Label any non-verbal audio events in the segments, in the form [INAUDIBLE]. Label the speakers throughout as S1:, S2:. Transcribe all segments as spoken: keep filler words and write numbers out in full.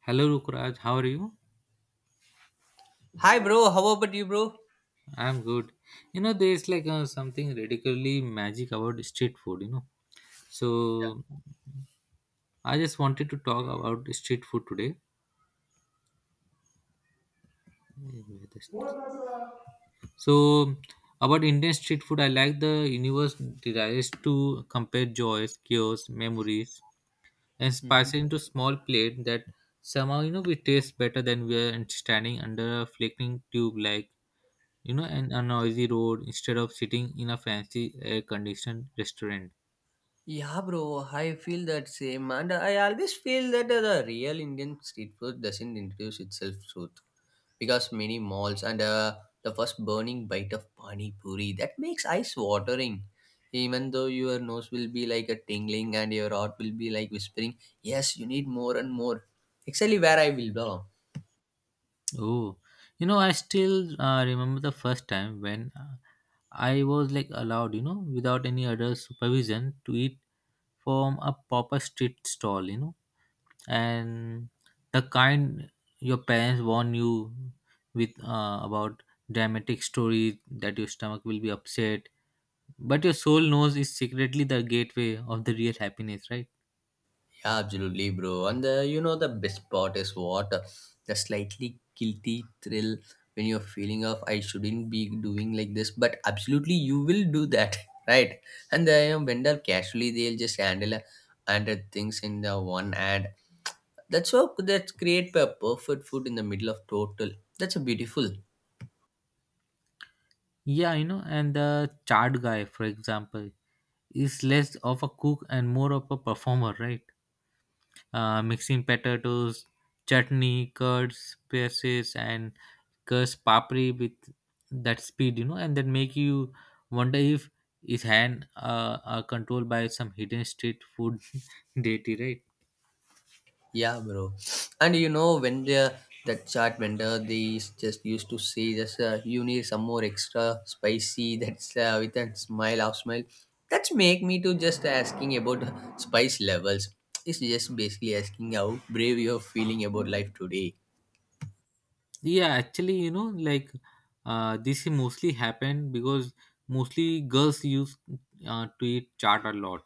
S1: Hello Rukraj, how are you?
S2: Hi, bro. How about you, bro?
S1: I'm good. You know, there's like uh, something radically magic about street food, you know. So, I just wanted to talk about street food today. So, about Indian street food, I like the universe desires to compare joys, chaos, memories, and spice it
S2: Mhm.
S1: into small plate that somehow, you know, we taste better than we are standing under a flickering tube like you know, and a noisy road instead of sitting in a fancy air-conditioned restaurant.
S2: Yeah, bro. I feel that same, and I always feel that the real Indian street food doesn't introduce itself truth because many malls and uh, the first burning bite of pani puri that makes eyes watering. Even though your nose will be like a tingling and your heart will be like whispering, "Yes, you need more and more." Actually, where I will go.
S1: Oh, you know, I still uh, remember the first time when uh, I was like allowed, you know, without any other supervision to eat from a proper street stall, you know, and the kind your parents warn you with uh, about dramatic stories that your stomach will be upset, but your soul knows is secretly the gateway of the real happiness, right?
S2: Absolutely, bro. And the, you know the best part is what the slightly guilty thrill when you're feeling of I shouldn't be doing like this, but absolutely you will do that, [LAUGHS] right? And the you know, vendor casually they'll just handle uh, handle things in the one hand. That's how that's create a perfect food in the middle of total. That's a beautiful.
S1: Yeah, you know, and the chart guy, for example, is less of a cook and more of a performer, right? Uh, mixing potatoes, chutney, curds, spices, and curds papri with that speed, you know, and then make you wonder if his hand uh, are controlled by some hidden street food [LAUGHS] deity, right?
S2: Yeah, bro. And you know when the that chat vendor they just used to say just uh, you need some more extra spicy [LAUGHS] that's uh, with a smile half smile. That's make me to just asking about spice levels. It's just basically asking how brave you're feeling about life today.
S1: Yeah, actually, you know, like uh, this mostly happened because mostly girls used uh, to eat chart a lot.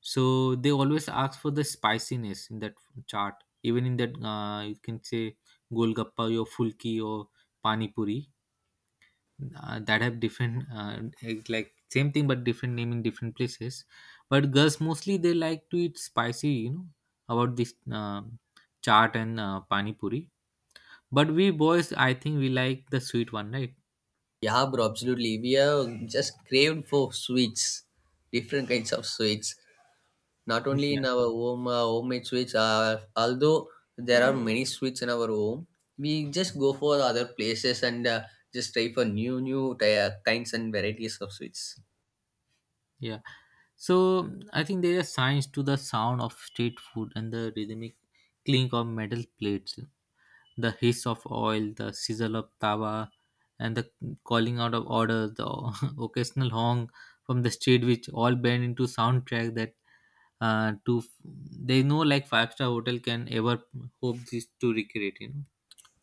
S1: So they always ask for the spiciness in that chaat, even in that uh, you can say golgappa or fulki or pani puri, uh, that have different uh, it's like same thing but different name in different places. But girls mostly they like to eat spicy, you know, about this uh, chaat and uh, pani puri, but we boys I think we like the sweet one, right?
S2: Yeah, bro, absolutely. We are just craved for sweets, different kinds of sweets. Not
S1: [LAUGHS]
S2: only
S1: Yeah,
S2: in our home uh, homemade sweets uh, although there are many sweets in our home, we just go for other places and uh, just try for new new ty- uh, kinds and varieties of sweets.
S1: yeah. So I think there are signs to the sound of street food, and the rhythmic clink of metal plates, the hiss of oil, the sizzle of tawa, and the calling out of orders, the [LAUGHS] occasional honk from the street, which all blend into soundtrack that uh, to they know like five star hotel can ever hope this to recreate. You know,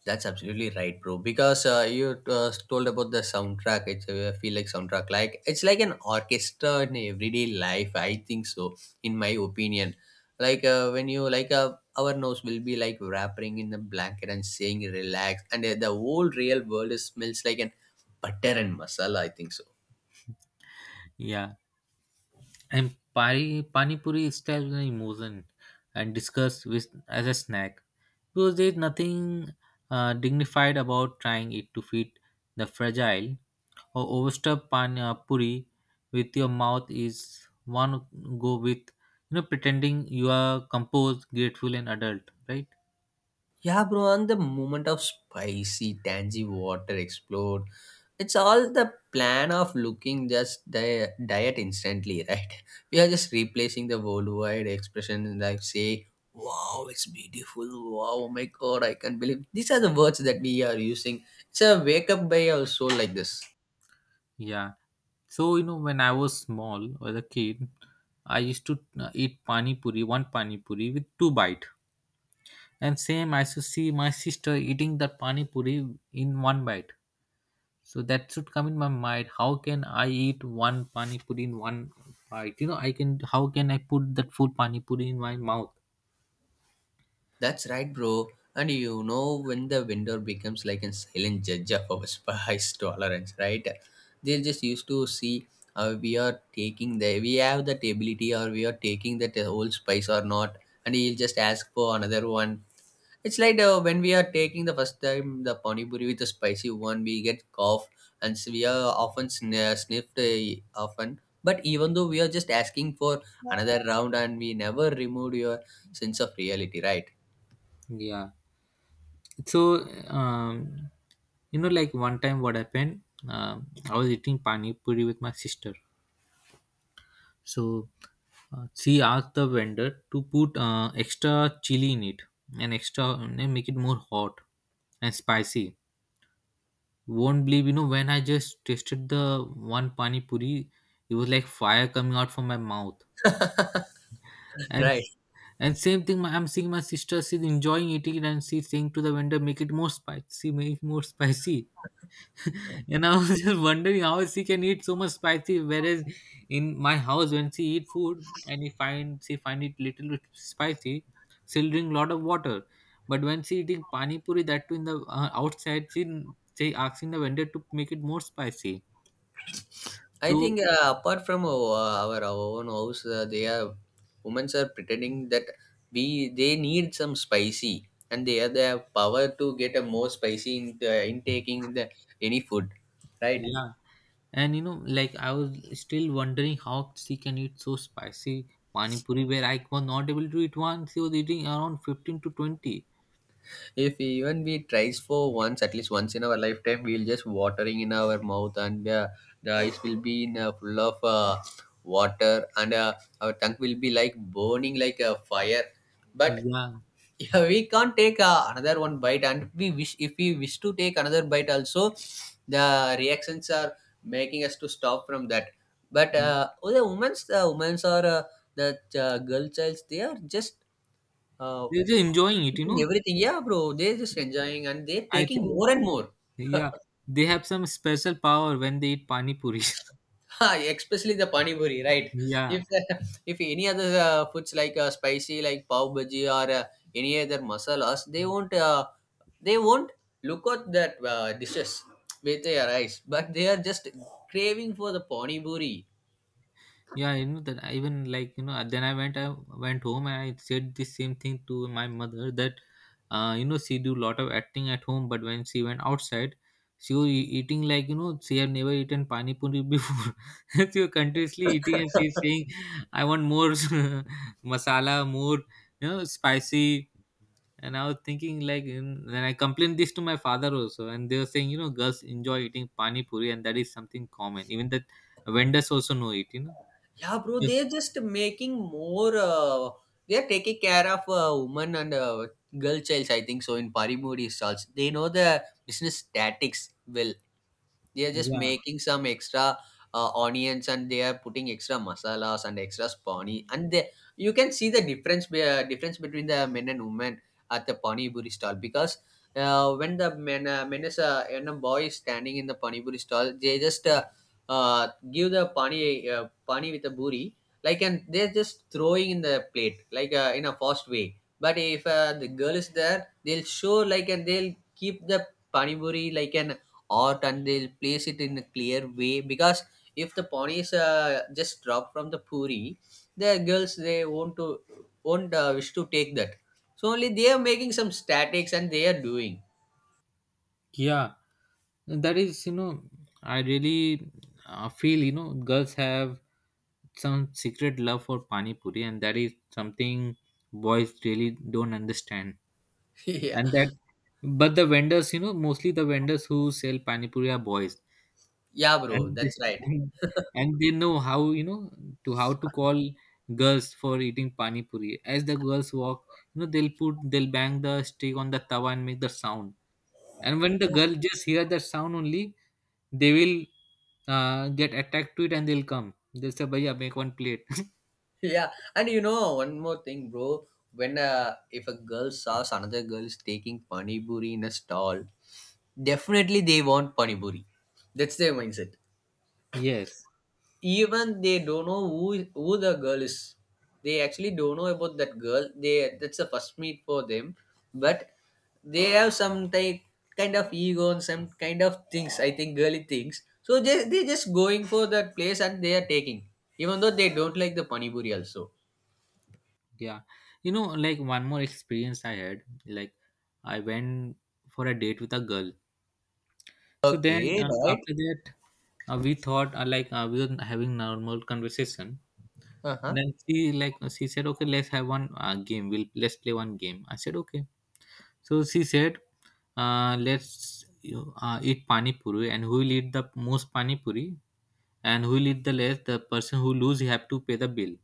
S2: That's absolutely right, bro. Because uh, you uh, told about the soundtrack. It's uh, I feel like soundtrack, like it's like an orchestra in everyday life. I think so, in my opinion. Like uh, when you like uh, our nose will be like wrapping in the blanket and saying relax, and uh, the whole real world is, smells like an butter and masala. I think so.
S1: yeah, and pani pani puri itself is an emotion and discussed with as a snack because there's nothing uh, dignified about trying it to feed the fragile or overstuffed pani puri with your mouth is one go with, you know, pretending you are composed, grateful, and adult, right?
S2: Yeah, bro, and the moment of spicy, tangy water explode. It's all the plan of looking just di- diet instantly, right? [LAUGHS] We are just replacing the worldwide expression like say, wow, it's beautiful, wow, oh my god, I can't believe. These are the words that we are using. It's a wake up by our soul like this.
S1: Yeah. So you know when I was small, as a kid, I used to uh, eat pani puri, one pani puri with two bite. And same I used to see my sister eating that pani puri in one bite. So that should come in my mind. How can I eat one pani puri in one bite? You know, I can. How can I put that full pani puri in my mouth?
S2: That's right, bro. And you know when the vendor becomes like a silent judge of our spice [LAUGHS] tolerance, right? They just used to see uh, we are taking the we have that ability or we are taking that whole spice or not, and he'll just ask for another one. It's like uh, when we are taking the first time the pani puri with the spicy one, we get cough and so we are often sn- uh, sniffed uh, often. But even though we are just asking for another round and we never removed your sense of reality, right?
S1: Yeah. So um, you know, like one time what happened, um, I was eating pani puri with my sister. So uh, she asked the vendor to put uh, extra chili in it, and extra, and make it more hot and spicy. Won't believe, you know, when I just tasted the one pani puri, it was like fire coming out from my mouth. and
S2: Right.
S1: and same thing, my- i'm seeing my sister, she's enjoying eating it, and she's saying to the vendor, make it more spicy, make it more [LAUGHS] spicy. And I was [LAUGHS] just wondering how she can eat so much spicy, whereas in my house when she eat food and if find she find it little bit spicy, she'll drink lot of water. But when she eating pani puri, that too in the uh, outside, she she asking the vendor to make it more spicy.
S2: I
S1: So
S2: think uh, apart from uh, our, our own house, uh, they are women are pretending that we they need some spicy, and they are they have the power to get a more spicy in the in taking the any food, right?
S1: yeah, and you know, like I was still wondering how she can eat so spicy pani puri, where I was not able to eat one. She was eating around fifteen to twenty.
S2: If even we tries for once, at least once in our lifetime, we'll just watering in our mouth, and uh, the eyes will be in uh, full of uh, water, and uh, our tongue will be like burning like a fire. But
S1: Yeah,
S2: yeah, we can't take uh, another one bite, and we wish if we wish to take another bite, also the reactions are making us to stop from that. But uh, oh, the women's, the women's or uh, the uh, girl childs, they are just uh,
S1: they're just enjoying it. You
S2: sipping
S1: know,
S2: everything. Yeah, bro, they're just enjoying and they're
S1: I
S2: taking
S1: think
S2: more and more.
S1: yeah,
S2: [LAUGHS]
S1: they have some special power when they eat pani puri. [LAUGHS]
S2: Ha, especially the pani puri, right?
S1: Yeah,
S2: If [LAUGHS] if any other uh, foods like uh, spicy, like pav bhaji or uh, any other masalas, they won't uh, they won't look at that uh, dishes with their eyes, but they are just craving for the pani puri.
S1: yeah, you know that. I even like you know. uh, Then I went, I went home and I said the same thing to my mother that, uh, you know, she do lot of acting at home, but when she went outside, she was e- eating like you know she had never eaten pani puri before. [LAUGHS] She was continuously eating and she's saying, "I want more [LAUGHS] masala, more you know spicy." And I was thinking like in, when I complained this to my father also, and they were saying, you know, girls enjoy eating pani puri, and that is something common, even the vendors also know it, you know.
S2: Yeah, bro,
S1: Yeah,
S2: they're just making more. Uh, they're taking care of uh, woman and uh, girl childs, I think so. In pani puri stalls, they know the business tactics well. They are just
S1: yeah,
S2: making some extra uh, onions and they are putting extra masalas and extra spawny, and they, you can see the difference be- uh, difference between the men and women at the pani buri stall because uh, when the men uh, men is uh, and a boy is standing in the pani buri stall, they just uh, uh, give the pani uh, pani with a buri like, and they're just throwing in the plate like uh, in a fast way. But if uh, the girl is there, they'll show like, and they'll keep the panipuri like an art, and they'll place it in a clear way because if the pani is uh, just dropped from the puri, the girls they won't to won't uh, wish to take that. So only they are making some statics and they are doing.
S1: yeah. That is, you know, I really uh, feel, you know, girls have some secret love for pani puri, and that is something boys really don't understand.
S2: [LAUGHS] Yeah,
S1: And that, but the vendors, you know, mostly the vendors who sell pani puri are boys,
S2: yeah bro,
S1: and they,
S2: that's right.
S1: and, and they know how, you know, to how to call girls for eating pani puri. As the girls walk, you know, they'll put they'll bang the stick on the tawa and make the sound. And when the girl just hear that sound only, they will uh, get attacked to it, and they'll come, they'll say bhaiya make one plate. [LAUGHS]
S2: Yeah, and you know one more thing, bro. When uh, if a girl saws another girl is taking pani puri in a stall, definitely they want pani puri. That's their mindset.
S1: Yes,
S2: Even they don't know who who the girl is. They actually don't know about that girl. They that's the first meet for them, but they have some type kind of ego and some kind of things. I think girly things. So they they just going for that place and they are taking, even though they don't like the pani puri also.
S1: yeah. You know, like one more experience I had, like I went for a date with a girl. So then
S2: Okay,
S1: uh,
S2: right.
S1: after that, Uh, we thought uh, like uh, we were having normal conversation.
S2: Uh-huh.
S1: Then she like uh, she said, okay, let's have one uh, game. We'll Let's play one game. I said okay. So she said, uh, let's you, uh, eat pani puri, and who will eat the most pani puri, and who will eat the less, the person who lose, he have to pay the bill.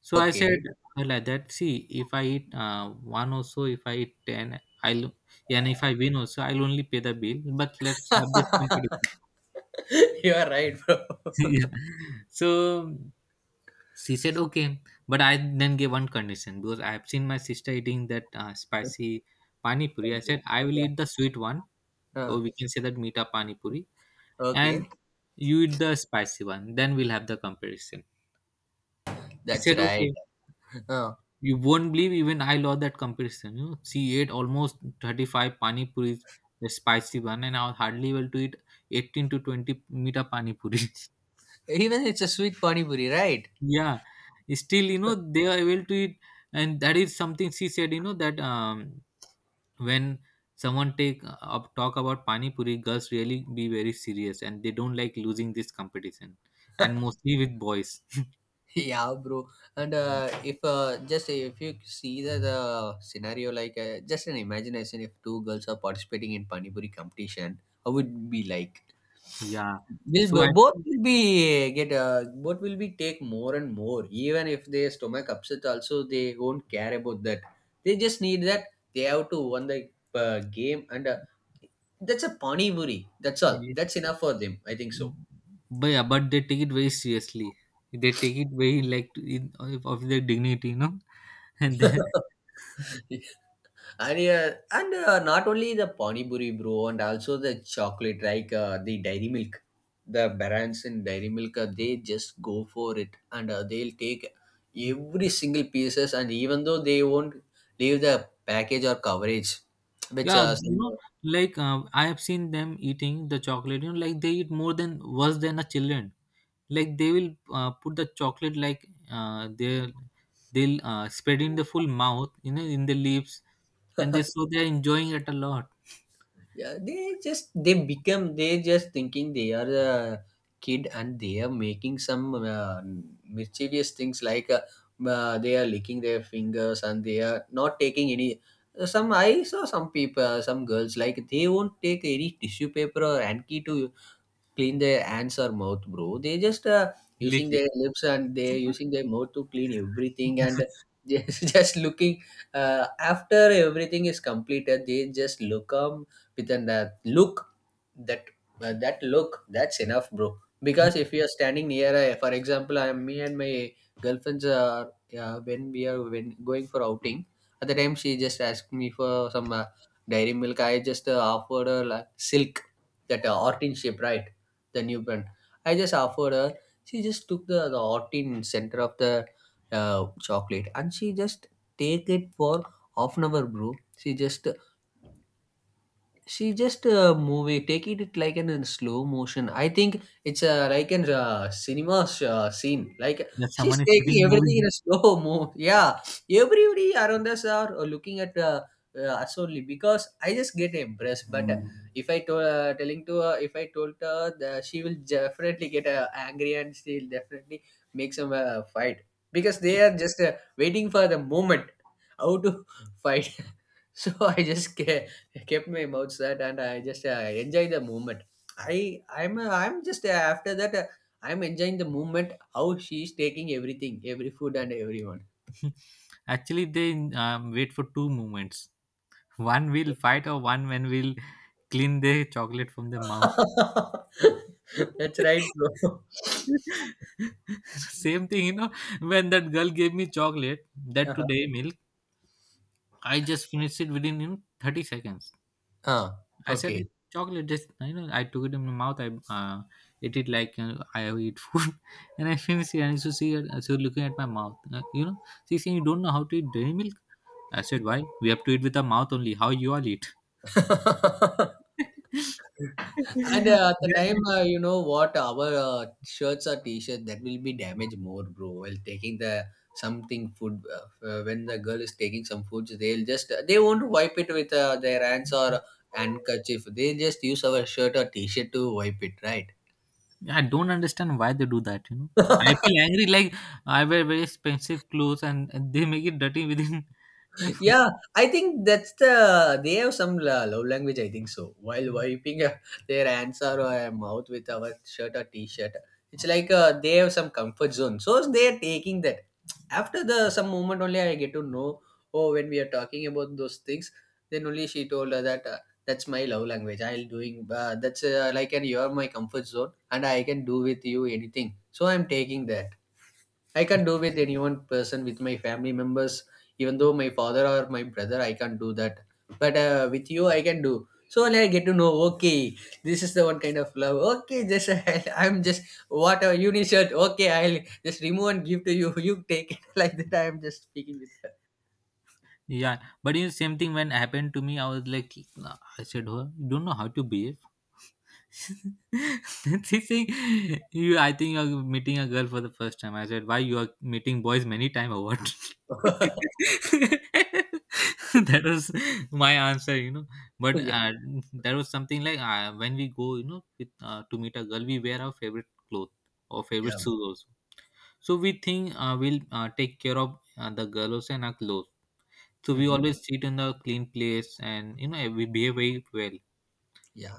S1: So I said
S2: Okay.
S1: uh, like that. See, if I eat uh, one also, if I eat ten, I'll, and if I win also, I'll only pay the bill. But let's have this competition.
S2: [LAUGHS] You are right, bro.
S1: [LAUGHS] Yeah. So she said okay, but I then gave one condition, because I have seen my sister eating that uh, spicy pani puri. I
S2: [LAUGHS]
S1: said I will
S2: Yeah.
S1: eat the sweet one,
S2: Uh,
S1: or we can say that mita pani puri, and
S2: okay.
S1: you eat the spicy one. Then we'll have the comparison. She
S2: That's
S1: said
S2: right.
S1: okay.
S2: Uh,
S1: You won't believe, even I lost that comparison. You know, she ate almost thirty five pani puris, the spicy one, and I was hardly able to eat eighteen to twenty mita pani puri.
S2: even it's a sweet pani puri, right?
S1: Yeah, still you know they are able to eat, and that is something she said, you know, that um, when someone take uh, up talk about pani puri, girls really be very serious, and they don't like losing this competition, and mostly with boys.
S2: [LAUGHS] Yeah, bro. And uh,
S1: [LAUGHS]
S2: if uh, just if you see the, the scenario, like uh, just an imagination, if two girls are participating in pani puri competition, how would it be like?
S1: Yeah,
S2: Will
S1: so I
S2: b- both
S1: think,
S2: will be get uh, both will be take more and more. Even if their stomach upset, also they won't care about that. They just need that they have to win the uh, game, and uh, that's a pani muri. That's all.
S1: yeah,
S2: That's enough for them. I think so.
S1: but yeah, but they take it very seriously. They take it very like to, in, Of their dignity, you know. [LAUGHS] And then
S2: [LAUGHS] And yeah, and uh, not only the pani puri, bro, and also the chocolate, like uh, the dairy milk, the brands in dairy milk, uh, they just go for it, and uh, they'll take every single pieces, and even though they won't leave the package or coverage, which
S1: yeah,
S2: uh,
S1: you
S2: some.
S1: know, like uh, I have seen them eating the chocolate. You know, like they eat more than worse than a children. Like they will uh, put the chocolate like uh, they they'll uh, spread in the full mouth, you know, in the lips, and they so they're enjoying it a lot.
S2: Yeah, they just they become they just thinking they are a kid, and they are making some uh, mischievous things like uh, uh, they are licking their fingers and they are not taking any. Some I saw some people, some girls, like they won't take any tissue paper or hanky to clean their hands or mouth, bro. They just uh,
S1: Lick
S2: using
S1: it.
S2: their lips and they
S1: [LAUGHS]
S2: using their mouth to clean everything, and just [LAUGHS] just looking uh, after everything is completed. They just look, um, with a uh, look that uh, that look, that's enough, bro. Because if you're standing near a, for example, I'm me and my girlfriends are, yeah, when we are when going for outing at the time, she just asked me for some uh, dairy milk. I just uh, offered her like silk, that uh, ortin shape, right? The new brand. I just offered her. She just took the, the ortin center of the uh, chocolate, and she just take it for half an hour, bro. She just, she just uh, movie take it like an in slow motion. I think it's uh, like an uh, cinema uh, scene, like
S1: That
S2: she's
S1: someone is shooting
S2: taking everything in
S1: movie.
S2: a slow move. Yeah, everybody around us are uh, looking at uh, uh, us only because I just get impressed. But uh, if I told uh, telling to her, if I told her that, she will definitely get uh, angry and she'll definitely make some uh, fight because they are just uh, waiting for the moment how to [LAUGHS] fight. [LAUGHS] So I just ca kept my mouth shut and I just uh, enjoy the moment. I I'm uh, I'm just uh, after that uh, I'm enjoying the moment how she's taking everything, every food and everyone.
S1: [LAUGHS] Actually, they um, wait for two moments. [LAUGHS] One will fight, or one when will clean the chocolate from the mouth.
S2: [LAUGHS] That's right, bro. [LAUGHS]
S1: Same thing, you know, when that girl gave me chocolate, that
S2: Uh-huh.
S1: today milk, I just finished it within you know, thirty seconds.
S2: Ah,
S1: I said, "It's
S2: okay.
S1: chocolate, just, you know, I took it in my mouth, I uh, ate it like uh, I eat food, [LAUGHS] and I finished it. And so she, uh, she was looking at my mouth, uh, you know, she's saying, You don't know how to eat dairy milk? I said, Why? We have to eat with our mouth only. How you all eat?
S2: [LAUGHS]
S1: [LAUGHS]
S2: And uh, at the
S1: Then
S2: time, uh, you know what, our uh, shirts or t-shirts that will be damaged more, bro. While taking the something food, uh, uh, when the girl is taking some foods, they'll just they won't wipe it with uh, their hands or handkerchief. They just use our shirt or t-shirt to wipe it,
S1: yeah, I don't understand why they do that, you know. I
S2: right?
S1: feel
S2: [LAUGHS]
S1: angry like I wear very expensive clothes and, and they make it dirty within [LAUGHS] you know.
S2: Yeah, I think that's the they have some la- love language. I think so. While wiping [LAUGHS] uh, their hands or uh, mouth with our shirt or t-shirt, it's like uh, they have some comfort zone. So they are taking that. After the some moment only, I get to know. Oh, when we are talking about those things, then only she told her that uh, that's my love language. I'll doing uh, that's uh, like and you're my comfort zone, and I can do with you anything. So I'm taking that. I can't do with any one person with my family members, even though my father or my brother, I can't do that. But uh, with you, I can do. So when I get to know, okay, this is the one kind of love. Okay, just [LAUGHS] I'm just whatever you need shirt. Okay, I'll just remove and give to you. [LAUGHS] You take it [LAUGHS] like that. I'm just speaking with her.
S1: Yeah. But you know, same thing when happened to me, I was like "Nah," I said, oh, you don't know how to behave. [LAUGHS] Teaching you, I think you're meeting a girl for the first time. I said, why you are meeting boys many time or what?
S2: [LAUGHS]
S1: [LAUGHS] That was my answer, you know. But
S2: Yeah,
S1: uh, there was something like uh, when we go, you know, with, uh, to meet a girl, we wear our favorite clothes or favorite
S2: yeah,
S1: shoes also. So we think uh, we'll uh, take care of uh, the girl also and our clothes. So we
S2: hmm,
S1: always sit in the clean place, and you know we behave very well.
S2: yeah,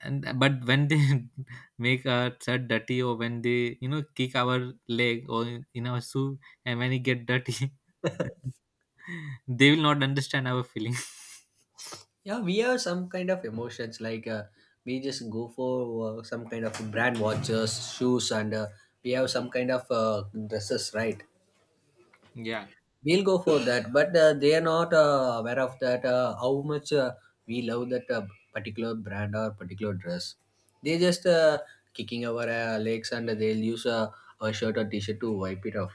S1: And uh, but when they [LAUGHS] make our shirt dirty, or when they you know kick our leg or in in our shoe, and when it get dirty, [LAUGHS] they will not understand our feeling.
S2: yeah. We have some kind of emotions like uh, we just go for uh, some kind of brand watches, shoes, and uh, we have some kind of uh, dresses, right?
S1: [LAUGHS] Yeah.
S2: We'll go for that, but uh, they are not uh, aware of that uh, how much uh, we love that uh, particular brand or particular dress. They just uh, kicking our uh, legs and they'll use uh, a shirt or t-shirt to wipe it off.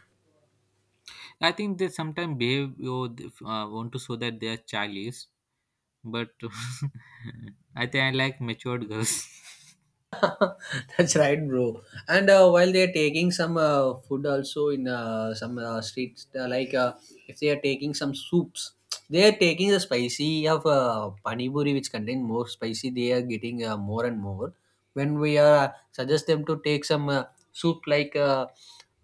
S1: I think they sometimes behave or they, uh, want to show that they are childish, but [LAUGHS] I think I like matured girls. [LAUGHS]
S2: [LAUGHS] That's right, bro. And uh, while they are taking some uh, food also in uh, some uh, streets, uh, like uh, if they are taking some soups, they are taking the spicy of uh, pani puri, which contain more spicy. They are getting uh, more and more. When we uh, suggest them to take some uh, soup like uh,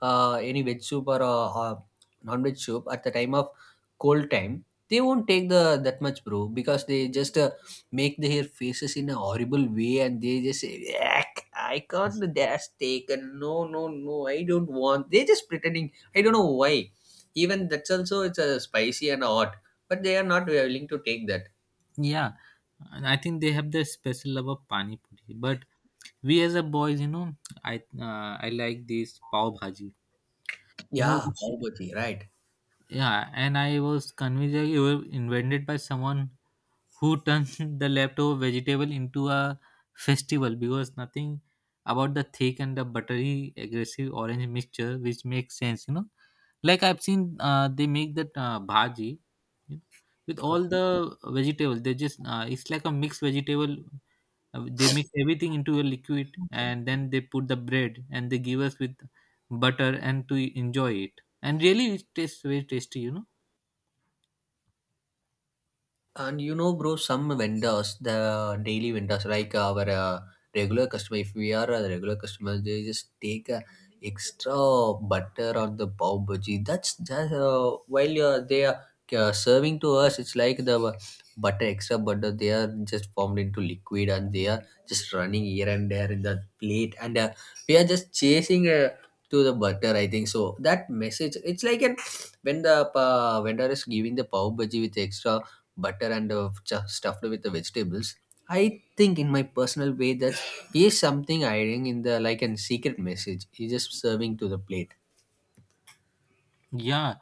S2: uh, any veg soup or uh, uh, non-veg soup at the time of cold time, they won't take the that much, bro, because they just uh, make their faces in a horrible way and they just say, yuck, I can't, that's taken, no, no, no, I don't want. They're just pretending, I don't know why, even that's also it's a spicy and hot, but they are not willing to take that.
S1: Yeah, and I think they have the special love of pani puri, but we as a boys, you know, i uh, I like this pav bhaji, you know,
S2: Yeah,
S1: which.
S2: pav bhaji, right.
S1: Yeah, and I was convinced that it was invented by someone who turned [LAUGHS] the leftover vegetable into a festival, because nothing about the thick and the buttery aggressive orange mixture which makes sense, you know. Like, I've seen uh, they make that uh, bhaji, you know, with all
S2: Okay.
S1: the vegetables. They just uh, it's like a mixed vegetable. Uh, They mix everything into a liquid, and then they put the bread and they give us with butter, and to enjoy it. And really it tastes very tasty, you know.
S2: And you know, bro, some vendors, the daily vendors, like our uh, regular customer, if we are a regular customer, they just take a extra butter on the pav bhaji. That's just. Uh, while uh, they are uh, serving to us, it's like the butter, extra butter. They are just formed into liquid, and they are just running here and there in the plate, and uh, we are just chasing. Uh, to the butter, I think so that message, it's like an when the uh, vendor is giving the pav bhaji with extra butter and uh, ch- stuffed with the vegetables. I think, in my personal way, that is something hiding in the like a secret message. He's just serving to the plate.
S1: Yeah,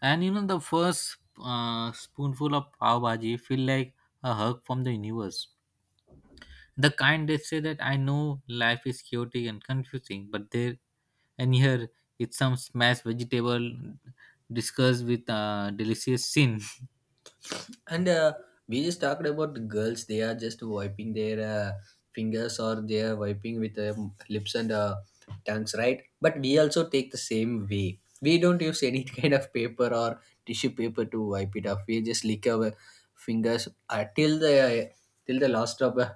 S1: and you know the first uh, spoonful of pav bhaji feel like a hug from the universe. The kind they say that I know life is chaotic and confusing, but there, and here, it's some smashed vegetable discussed with uh, delicious sin.
S2: and uh, we just talked about the girls, they are just wiping their uh, fingers, or they are wiping with uh, lips and uh, tongues, right? But we also take the same way, we don't use any [LAUGHS] kind of paper or tissue paper to wipe it off. We just lick our fingers uh, till the till the last drop uh,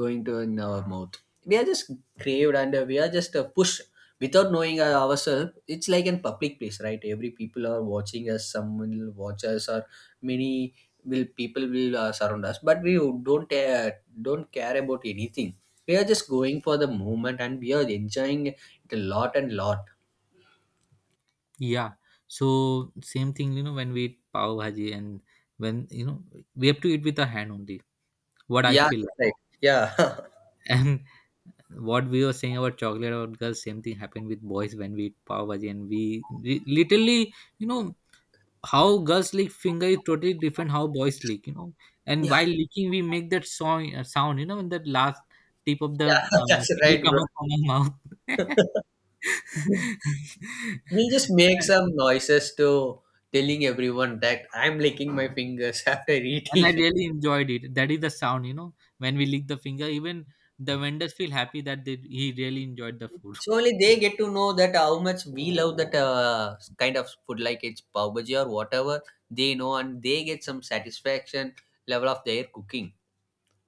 S2: going to in our mouth. We are just craved and uh, we are just uh, pushed without knowing uh, ourselves. It's like in public place, right? Every people are watching us, someone will watch us or many will people will uh, surround us, but we don't uh, don't care about anything. We are just going for the moment and we are enjoying it a lot and lot.
S1: [LAUGHS] Yeah, so same thing, you know, when we eat pav bhaji, and when you know we have to eat with the hand only. What I
S2: Yeah,
S1: feel
S2: that's
S1: like.
S2: right. Yeah. [LAUGHS]
S1: [LAUGHS] And what we were saying about chocolate, about girls, same thing happened with boys when we eat pav bhaji, and we li- literally, you know, how girls lick finger is totally different how boys lick, you know. And
S2: Yeah,
S1: while licking we make that song, uh, sound, you know, when that last tip of the
S2: yeah. [LAUGHS]
S1: uh,
S2: That's
S1: finger
S2: right,
S1: comes
S2: bro.
S1: out from our mouth. [LAUGHS]
S2: We just make some noises to telling everyone that I'm licking my fingers [LAUGHS] after
S1: And I
S2: eating.
S1: really enjoyed it, that is the sound, you know, when we lick the finger. Even the vendors feel happy that they, he really enjoyed the food. [LAUGHS]
S2: So only they get to know that how much we love that uh, kind of food, like it's pav bhaji or whatever. They know, and they get some satisfaction level of their cooking.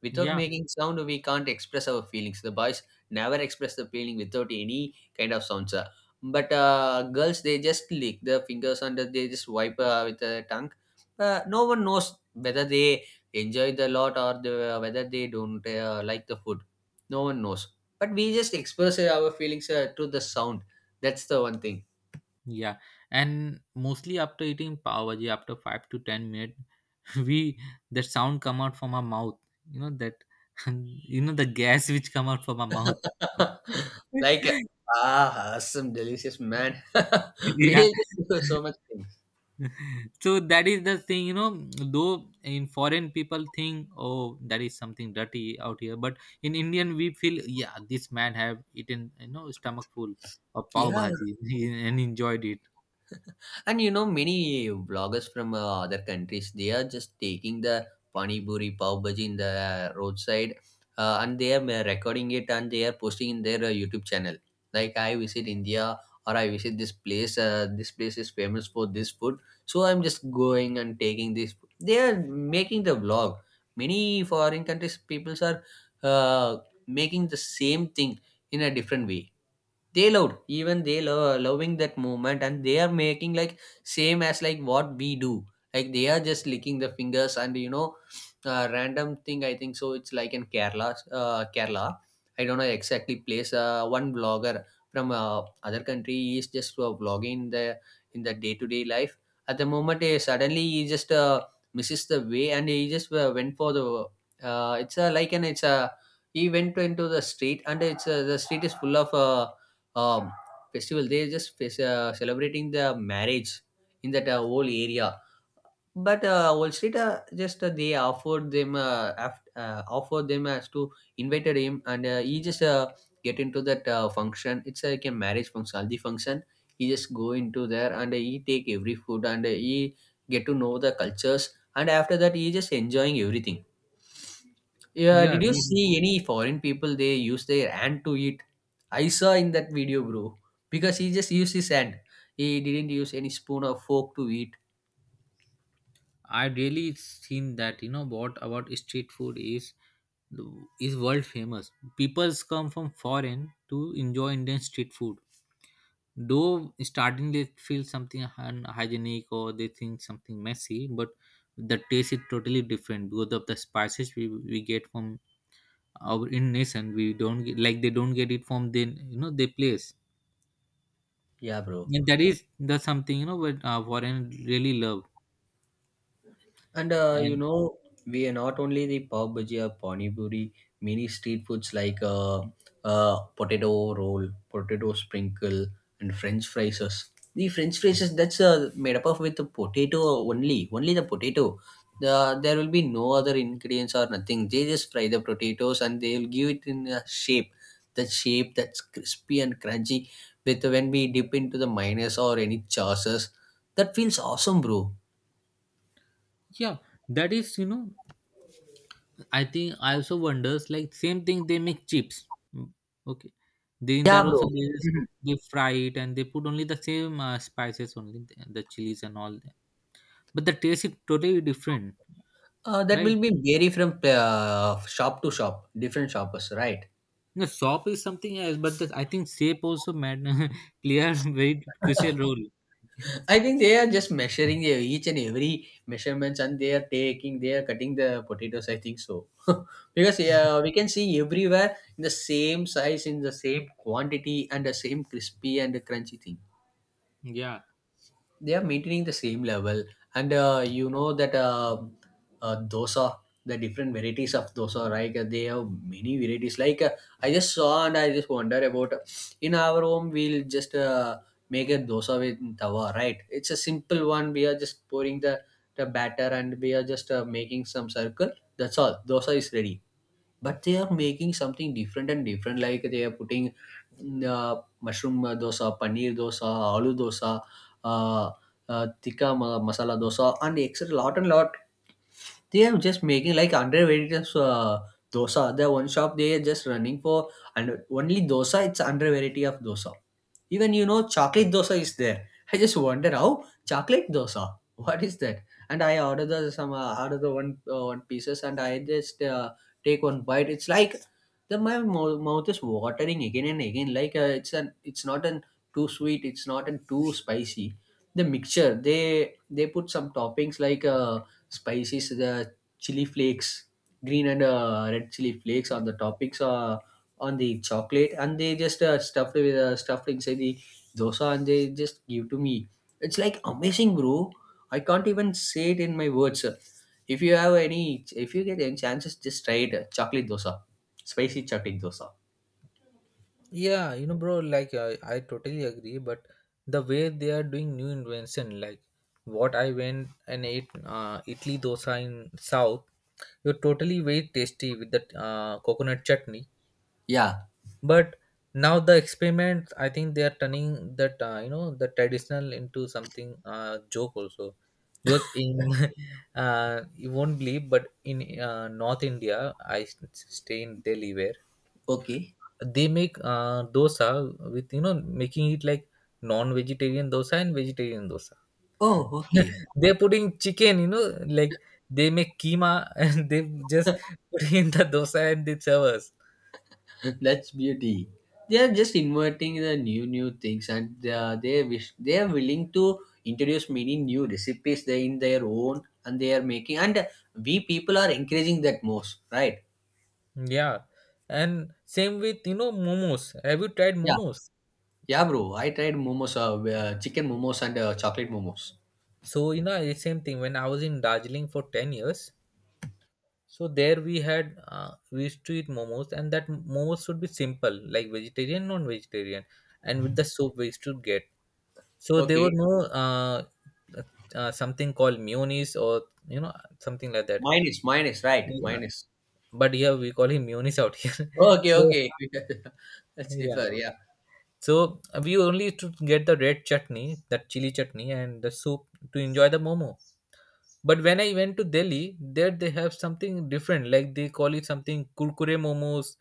S2: Without
S1: Yeah.
S2: making sound, we can't express our feelings. The boys never express the feeling without any kind of sounds. uh. But uh, girls, they just lick their fingers and they just wipe uh, with their tongue. Uh, no one knows whether they enjoy the lot or the, whether they don't uh, like the food. No one knows. But we just express uh, our feelings uh, through the sound. That's the one thing.
S1: Yeah, and mostly after eating pav bhaji, after five to ten minutes, [LAUGHS] we, that sound come out from our mouth. You know that, [LAUGHS] you know, the gas which come out from our mouth. [LAUGHS]
S2: [LAUGHS] Like, uh, ah, awesome, delicious man. [LAUGHS] We
S1: Yeah.
S2: just do so much things.
S1: [LAUGHS] So that is the thing, you know. Though in foreign people think, oh, that is something dirty out here, but in Indian we feel, yeah, this man have eaten, you know, stomach full of pav
S2: Yeah.
S1: bhaji [LAUGHS] and enjoyed it.
S2: And you know, many vloggers from uh, other countries, they are just taking the pani puri, pav bhaji in the roadside, uh, and they are uh, recording it, and they are posting in their uh, YouTube channel. Like, I visit India or I visit this place. Uh, this place is famous for this food, so I'm just going and taking this. They are making the vlog. Many foreign countries peoples are uh, making the same thing in a different way. They loved, even they lo- loving that movement, and they are making like same as like what we do, like they are just licking the fingers and you know, uh, random thing I think so. It's like in Kerala, uh, Kerala, I don't know exactly place. Uh, one blogger from uh, other country, he is just uh, vlogging in the in the day to day life. At the moment, he suddenly, he just uh, misses the way, and he just uh, went for the uh, it's a like an it's a he went into the street, and it's uh, the street is full of uh, um, festival. They just face, uh, celebrating the marriage in that uh, whole area. But uh, Wall Street, uh, just uh, they offered them uh, af- uh, offered them as to invited him, and uh, he just uh, get into that uh, function. It's like a marriage function, haldi function. He just go into there, and he take every food, and he get to know the cultures, and after that he just enjoying everything. Yeah,
S1: Yeah,
S2: did you
S1: really.
S2: see any foreign people they use their hand to eat? I saw in that video, bro. Because he just used his hand. He didn't use any spoon or fork to eat.
S1: I really seen that, you know, what about street food is is world famous. People's come from foreign to enjoy Indian street food. Though starting they feel something unhygienic, or they think something messy, but the taste is totally different because of the spices we, we get from our in nation. We don't get, like they don't get it from then you know their place.
S2: Yeah, bro.
S1: And that is the something, you know, what uh, foreign really love.
S2: And uh, you
S1: And
S2: know, we are not only the pav bhaji or pani puri, many street foods like uh, uh, potato roll, potato sprinkle, and French fries. The French fries, that's uh, made up of with the potato only, only the potato. The, there will be no other ingredients or nothing. They just fry the potatoes, and they will give it in a shape. That shape that's crispy and crunchy. With when we dip into the mayonnaise or any sauces, that feels awesome, bro.
S1: yeah, that is, you know, I think I also wonders like same thing they make chips. Mm. Okay, then
S2: Yeah,
S1: that also
S2: bro.
S1: they just
S2: Mm-hmm.
S1: they fry it, and they put only the same uh, spices, only the, the chilies and all that. But the taste is totally different,
S2: Uh, that
S1: right?
S2: will be vary from uh, shop to shop, different shoppers, right?
S1: The shop is something else, but the, I think shape also mad [LAUGHS] clear very crucial
S2: [LAUGHS]
S1: role.
S2: I think they are just measuring their each and every measurements, and they are taking, they are cutting the potatoes. I think so, [LAUGHS] because yeah, we can see everywhere in the same size, in the same quantity, and the same crispy and crunchy thing.
S1: Yeah.
S2: They are maintaining the same level. And uh, you know that uh, uh, dosa, the different varieties of dosa, right? Uh, they have many varieties like uh, I just saw and I just wonder about uh, in our home, we'll just uh, make a dosa with tawa, right? It's a simple one, we are just pouring the the batter, and we are just uh, making some circle. That's all, dosa is ready. But they are making something different and different, like they are putting mm, uh, mushroom uh, dosa, paneer dosa, aloo dosa, uh, uh, tikka ma- masala dosa, and extra lot and lot. They are just making like underrated uh, dosa. The one shop they are just running for, and only dosa, it's under variety of dosa. Even you know, chocolate dosa is there. I just wonder how chocolate dosa, what is that. And I order the some uh, order the one uh, one pieces, and i just uh, take one bite. It's like the my mou- mouth is watering again and again. Like, uh, it's an it's not an too sweet, it's not an too spicy. The mixture they they put some toppings like uh, spices, the chili flakes, green and uh, red chili flakes on the toppings uh, on the chocolate, and they just uh, stuffed with uh, stuffed inside the dosa, and they just give to me. It's like amazing, bro. I can't even say it in my words. If you have any, if you get any chances, just try it, uh, chocolate dosa, spicy chocolate dosa.
S1: Yeah, you know, bro, like I, I totally agree, but the way they are doing new invention, like what I went and ate uh, Italy dosa in South, you're totally very tasty with the uh, coconut chutney.
S2: Yeah.
S1: But now the experiment, I think they are turning that uh, you know, the traditional into something uh, joke also, because in [LAUGHS] uh, you won't believe, but in uh, North India, I s- stay in Delhi where
S2: Okay.
S1: they make uh, dosa with, you know, making it like non-vegetarian dosa and vegetarian dosa.
S2: Oh, okay.
S1: [LAUGHS] They're putting chicken, you know, like they make keema, [LAUGHS] and they just put in the dosa and they serve us.
S2: [LAUGHS] That's beauty. They are just inventing the new new things, and they are, they wish they are willing to introduce many new recipes they in their own, and they are making. And we people are encouraging that most, right?
S1: Yeah, and same with, you know, momos. Have you tried
S2: Yeah,
S1: momos?
S2: yeah, bro. I tried momos, uh, uh, chicken momos, and uh, chocolate momos.
S1: So you know it's same thing when I was in Darjeeling for ten years. So there we had uh, we used to eat momos, and that momos should be simple, like vegetarian, non-vegetarian, and with the soup we used to get. So there were
S2: Okay,
S1: no uh, uh, something called munis, or you know something like that.
S2: mine is mine is right.
S1: Yeah.
S2: Mine is
S1: But here we call him munis out here. [LAUGHS]
S2: okay.
S1: So
S2: Okay, [LAUGHS] let's
S1: yeah.
S2: differ. Yeah.
S1: So we only used to get the red chutney, that chili chutney, and the soup to enjoy the momo. But when I went to Delhi, there they have something different. Like they call it something kurkure momos,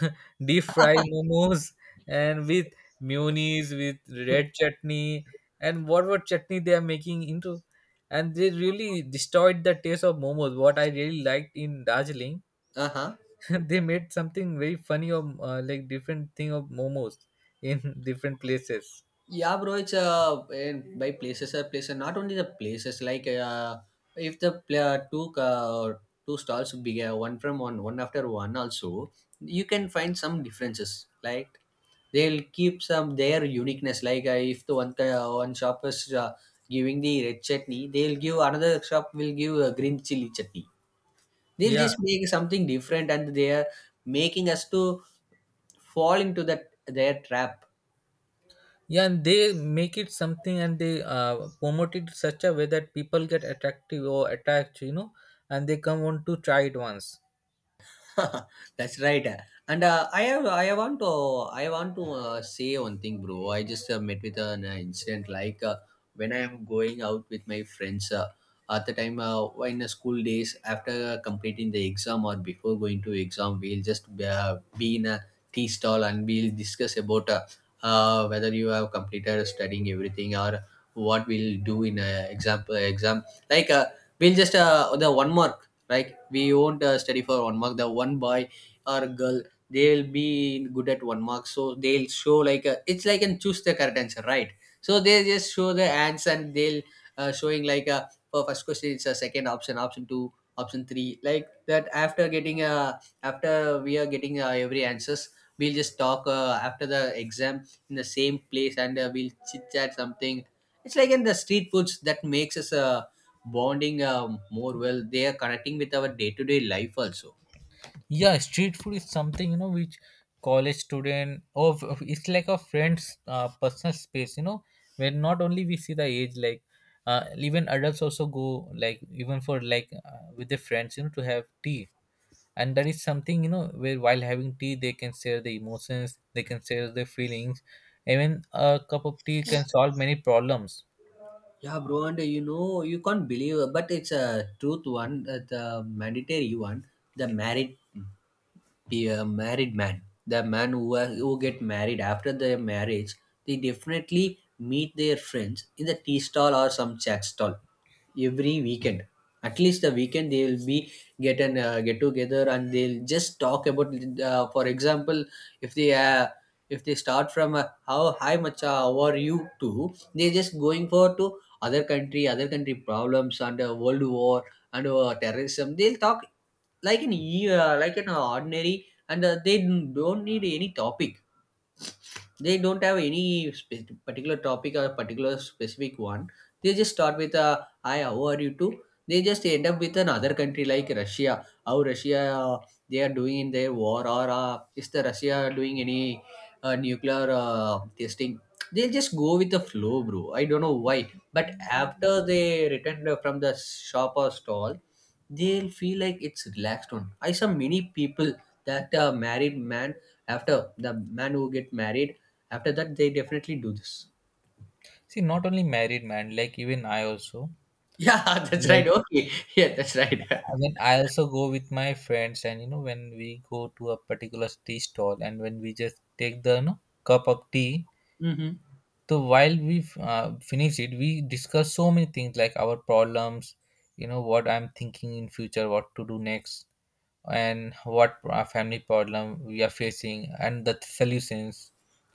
S1: [LAUGHS] deep fried momos, and with mayonnaise, with red chutney, and whatever chutney they are making into. And they really destroyed the taste of momos what I really liked in Darjeeling.
S2: Uh huh.
S1: [LAUGHS] They made something very funny of uh, like different thing of momos in [LAUGHS] different places.
S2: Yeah, bro, it's uh, and by places are places. Not only the places, like uh, if the player two uh, two stalls big, uh, one from one, one after one, also you can find some differences. Like they'll keep some their uniqueness. Like uh, if the one uh, one shop is uh, giving the red chutney, they'll give another shop will give uh, green chili chutney. They'll
S1: Yeah.
S2: just make something different, and they are making us to fall into that their trap.
S1: Yeah, and they make it something, and they uh, promote it such a way that people get attractive or attached, you know, and they come want to try it once.
S2: [LAUGHS] That's right. And uh, I have I want to I want to uh, say one thing, bro. I just uh, met with an uh, incident like uh, when I am going out with my friends. Uh, at the time, uh, in the school days, after uh, completing the exam or before going to exam, we'll just uh, be in a tea stall and we'll discuss about uh, uh, whether you have completed studying everything or what we'll do in a exam exam. Like uh, we'll just uh, the one mark. Like we won't uh, study for one mark. The one boy or girl, they'll be good at one mark. So they'll show like a, it's like and choose the correct answer, right? So they just show the ants and they'll uh, showing like a for first question it's a second option, option two, option three, like that. After getting a after we are getting uh, every answers, we'll just talk uh, after the exam in the same place and uh, we'll chit chat something. It's like in the street foods that makes us uh, bonding uh, more well, they are connecting with our day-to-day life also.
S1: Yeah, street food is something, you know, which college student or f- it's like a friend's uh, personal space. You know, where not only we see the age, like uh, even adults also go, like even for like uh, with their friends, you know, to have tea. And that is something, you know, where while having tea they can share the emotions, they can share their feelings. Even a cup of tea can solve many problems.
S2: Yeah, bro, and uh, you know, you can't believe uh, but it's a truth one, uh, the mandatory one. The married be a married man, the man who are, who get married, after their marriage they definitely meet their friends in the tea stall or some chat stall every weekend. At least the weekend they will be get an uh, get together and they'll just talk about, uh, for example, if they uh, if they start from uh, how hi macha how are you to, they're just going for to other country other country problems and uh, world war and uh, terrorism they'll talk, like an e- uh, like an ordinary. And uh, they don't need any topic, they don't have any spe- particular topic or particular specific one. They just start with a hi, how are you too? They just end up with another country like Russia. How Russia uh, they are doing in their war, or uh, is the Russia doing any uh, nuclear uh, testing? They'll just go with the flow, bro. I don't know why. But after they return from the shop or stall, they'll feel like it's relaxed on. I saw many people that a married man, after the man who get married, after that they definitely do this.
S1: See, not only married man, like even I also,
S2: Yeah, [LAUGHS] that's right,
S1: like
S2: okay, yeah, that's right.
S1: I mean, I also go with my friends, and you know, when we go to a particular tea stall, and when we just take the, you know, cup of tea,
S2: [LAUGHS] Hmm.
S1: so while we uh, finish it, we discuss so many things, like our problems, you know, what I'm thinking in future, what to do next, and what our family problem we are facing, and the solutions,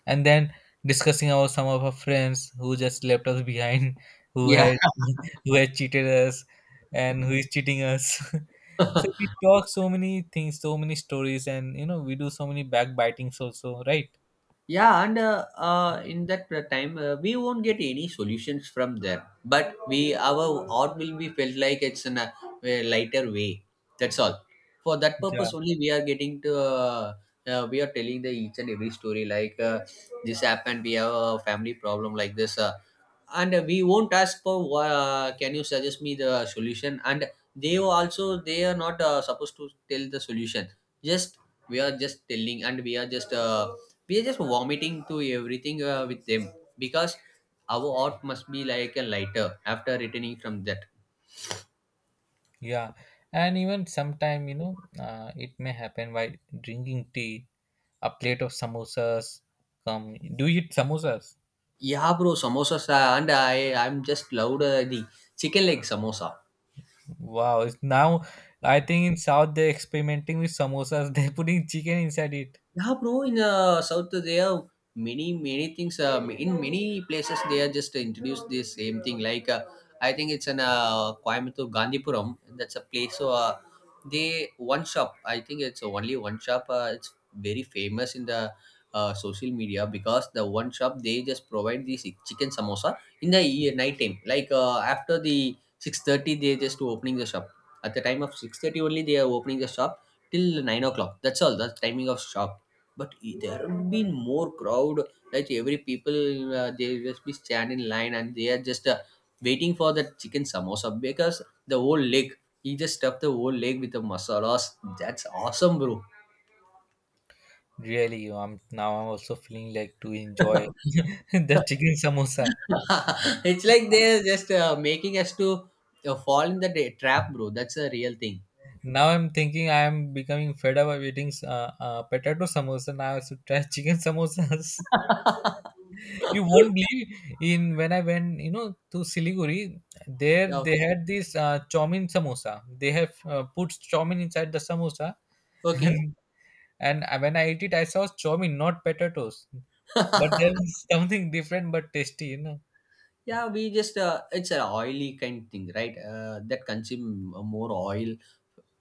S1: and then discussing about some of our friends who just left us behind, [LAUGHS] who
S2: Yeah.
S1: had, [LAUGHS] who had cheated us, and who is cheating us. [LAUGHS] So we talk so many things, so many stories, and you know we do so many backbitings also, right?
S2: Yeah, and uh, uh, in that uh, time, uh, we won't get any solutions from them. But we, our art will be felt like it's in a, uh, lighter way. That's all. For that
S1: Yeah.
S2: purpose only, we are getting to. Uh, uh, we are telling the each and every story like uh, this happened. We have a family problem like this, uh, and uh, we won't ask for. Uh, can you suggest me the solution? And they also they are not uh, supposed to tell the solution. Just, we are just telling and we are just uh, we are just vomiting to everything uh, with them, because our art must be like a lighter after returning from that.
S1: Yeah, and even sometime you know uh, it may happen while drinking tea a plate of samosas come. Do you eat samosas?
S2: Yeah, bro, samosas, uh, and i i'm just loved uh, the chicken leg samosa.
S1: Wow, it's now, I think in South they're experimenting with samosas. [LAUGHS] They're putting chicken inside it.
S2: Yeah, bro. In uh, South, they have many many things. Uh, in many places, they are just introduced the same thing. Like uh, I think it's an uh, Coimbatore Gandhipuram. That's a place. So uh, they one shop. I think it's only one shop. Uh, it's very famous in the uh, social media because the one shop they just provide the si- chicken samosa in the e- night time. Like uh, after the six thirty, they just opening the shop. At the time of six thirty only, they are opening the shop till nine o'clock. That's all. That's timing of shop, but i- there have been more crowd, like every people uh, they just be stand in line and they are just uh, waiting for the chicken samosa, because the whole leg, he just stuffed the whole leg with the masalas. That's awesome, bro.
S1: Really, I'm now I'm also feeling like to enjoy [LAUGHS] the
S2: [LAUGHS]
S1: chicken samosa.
S2: It's like they're just uh, making us to uh, fall in the da- trap, bro. That's a real thing.
S1: Now I'm thinking I'm becoming fed up of eating uh, uh, potato samosa. Now I should try chicken samosas. [LAUGHS] You won't
S2: [LAUGHS]
S1: believe in when I went, you know, to Siliguri. There
S2: Yeah,
S1: they had this uh, chowmin samosa. They have uh, put chowmin inside the samosa, [LAUGHS]
S2: okay.
S1: and and I- when I ate it, I saw chowmin, not potatoes. But there
S2: [LAUGHS]
S1: was [LAUGHS] something different but tasty, you know.
S2: Yeah, we just uh, it's an oily kind thing, right? Uh, that consume more oil,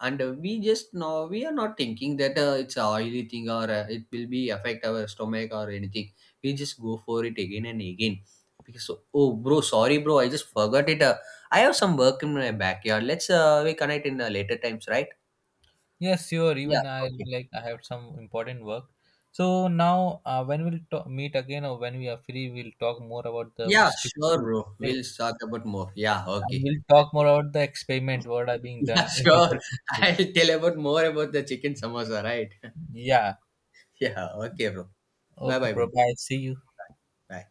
S2: and uh, we just know, we are not thinking that uh, it's a oily thing or uh, it will be affect our stomach or anything. We just go for it again and again. Because so, oh bro, sorry bro, I just forgot it. uh, I have some work in my backyard. Let's uh, we connect in uh, later times, right?
S1: Yes, sure.
S2: Yeah,
S1: Even I
S2: okay.
S1: like I have some important work. So now, uh, when we'll ta- meet again, or when we are free, we'll talk more about the
S2: Yeah,
S1: street
S2: sure,
S1: food,
S2: bro.
S1: right?
S2: We'll talk about more. Yeah,
S1: And
S2: okay.
S1: we'll talk more about the experiment what are being
S2: [LAUGHS] Yeah,
S1: done [LAUGHS] with
S2: sure.
S1: the street food.
S2: I'll tell about more about the chicken samosa, right?
S1: Yeah.
S2: [LAUGHS] Yeah, okay, bro. Bye
S1: Okay,
S2: bye, bro.
S1: bro. Bye. See you.
S2: Bye. Bye.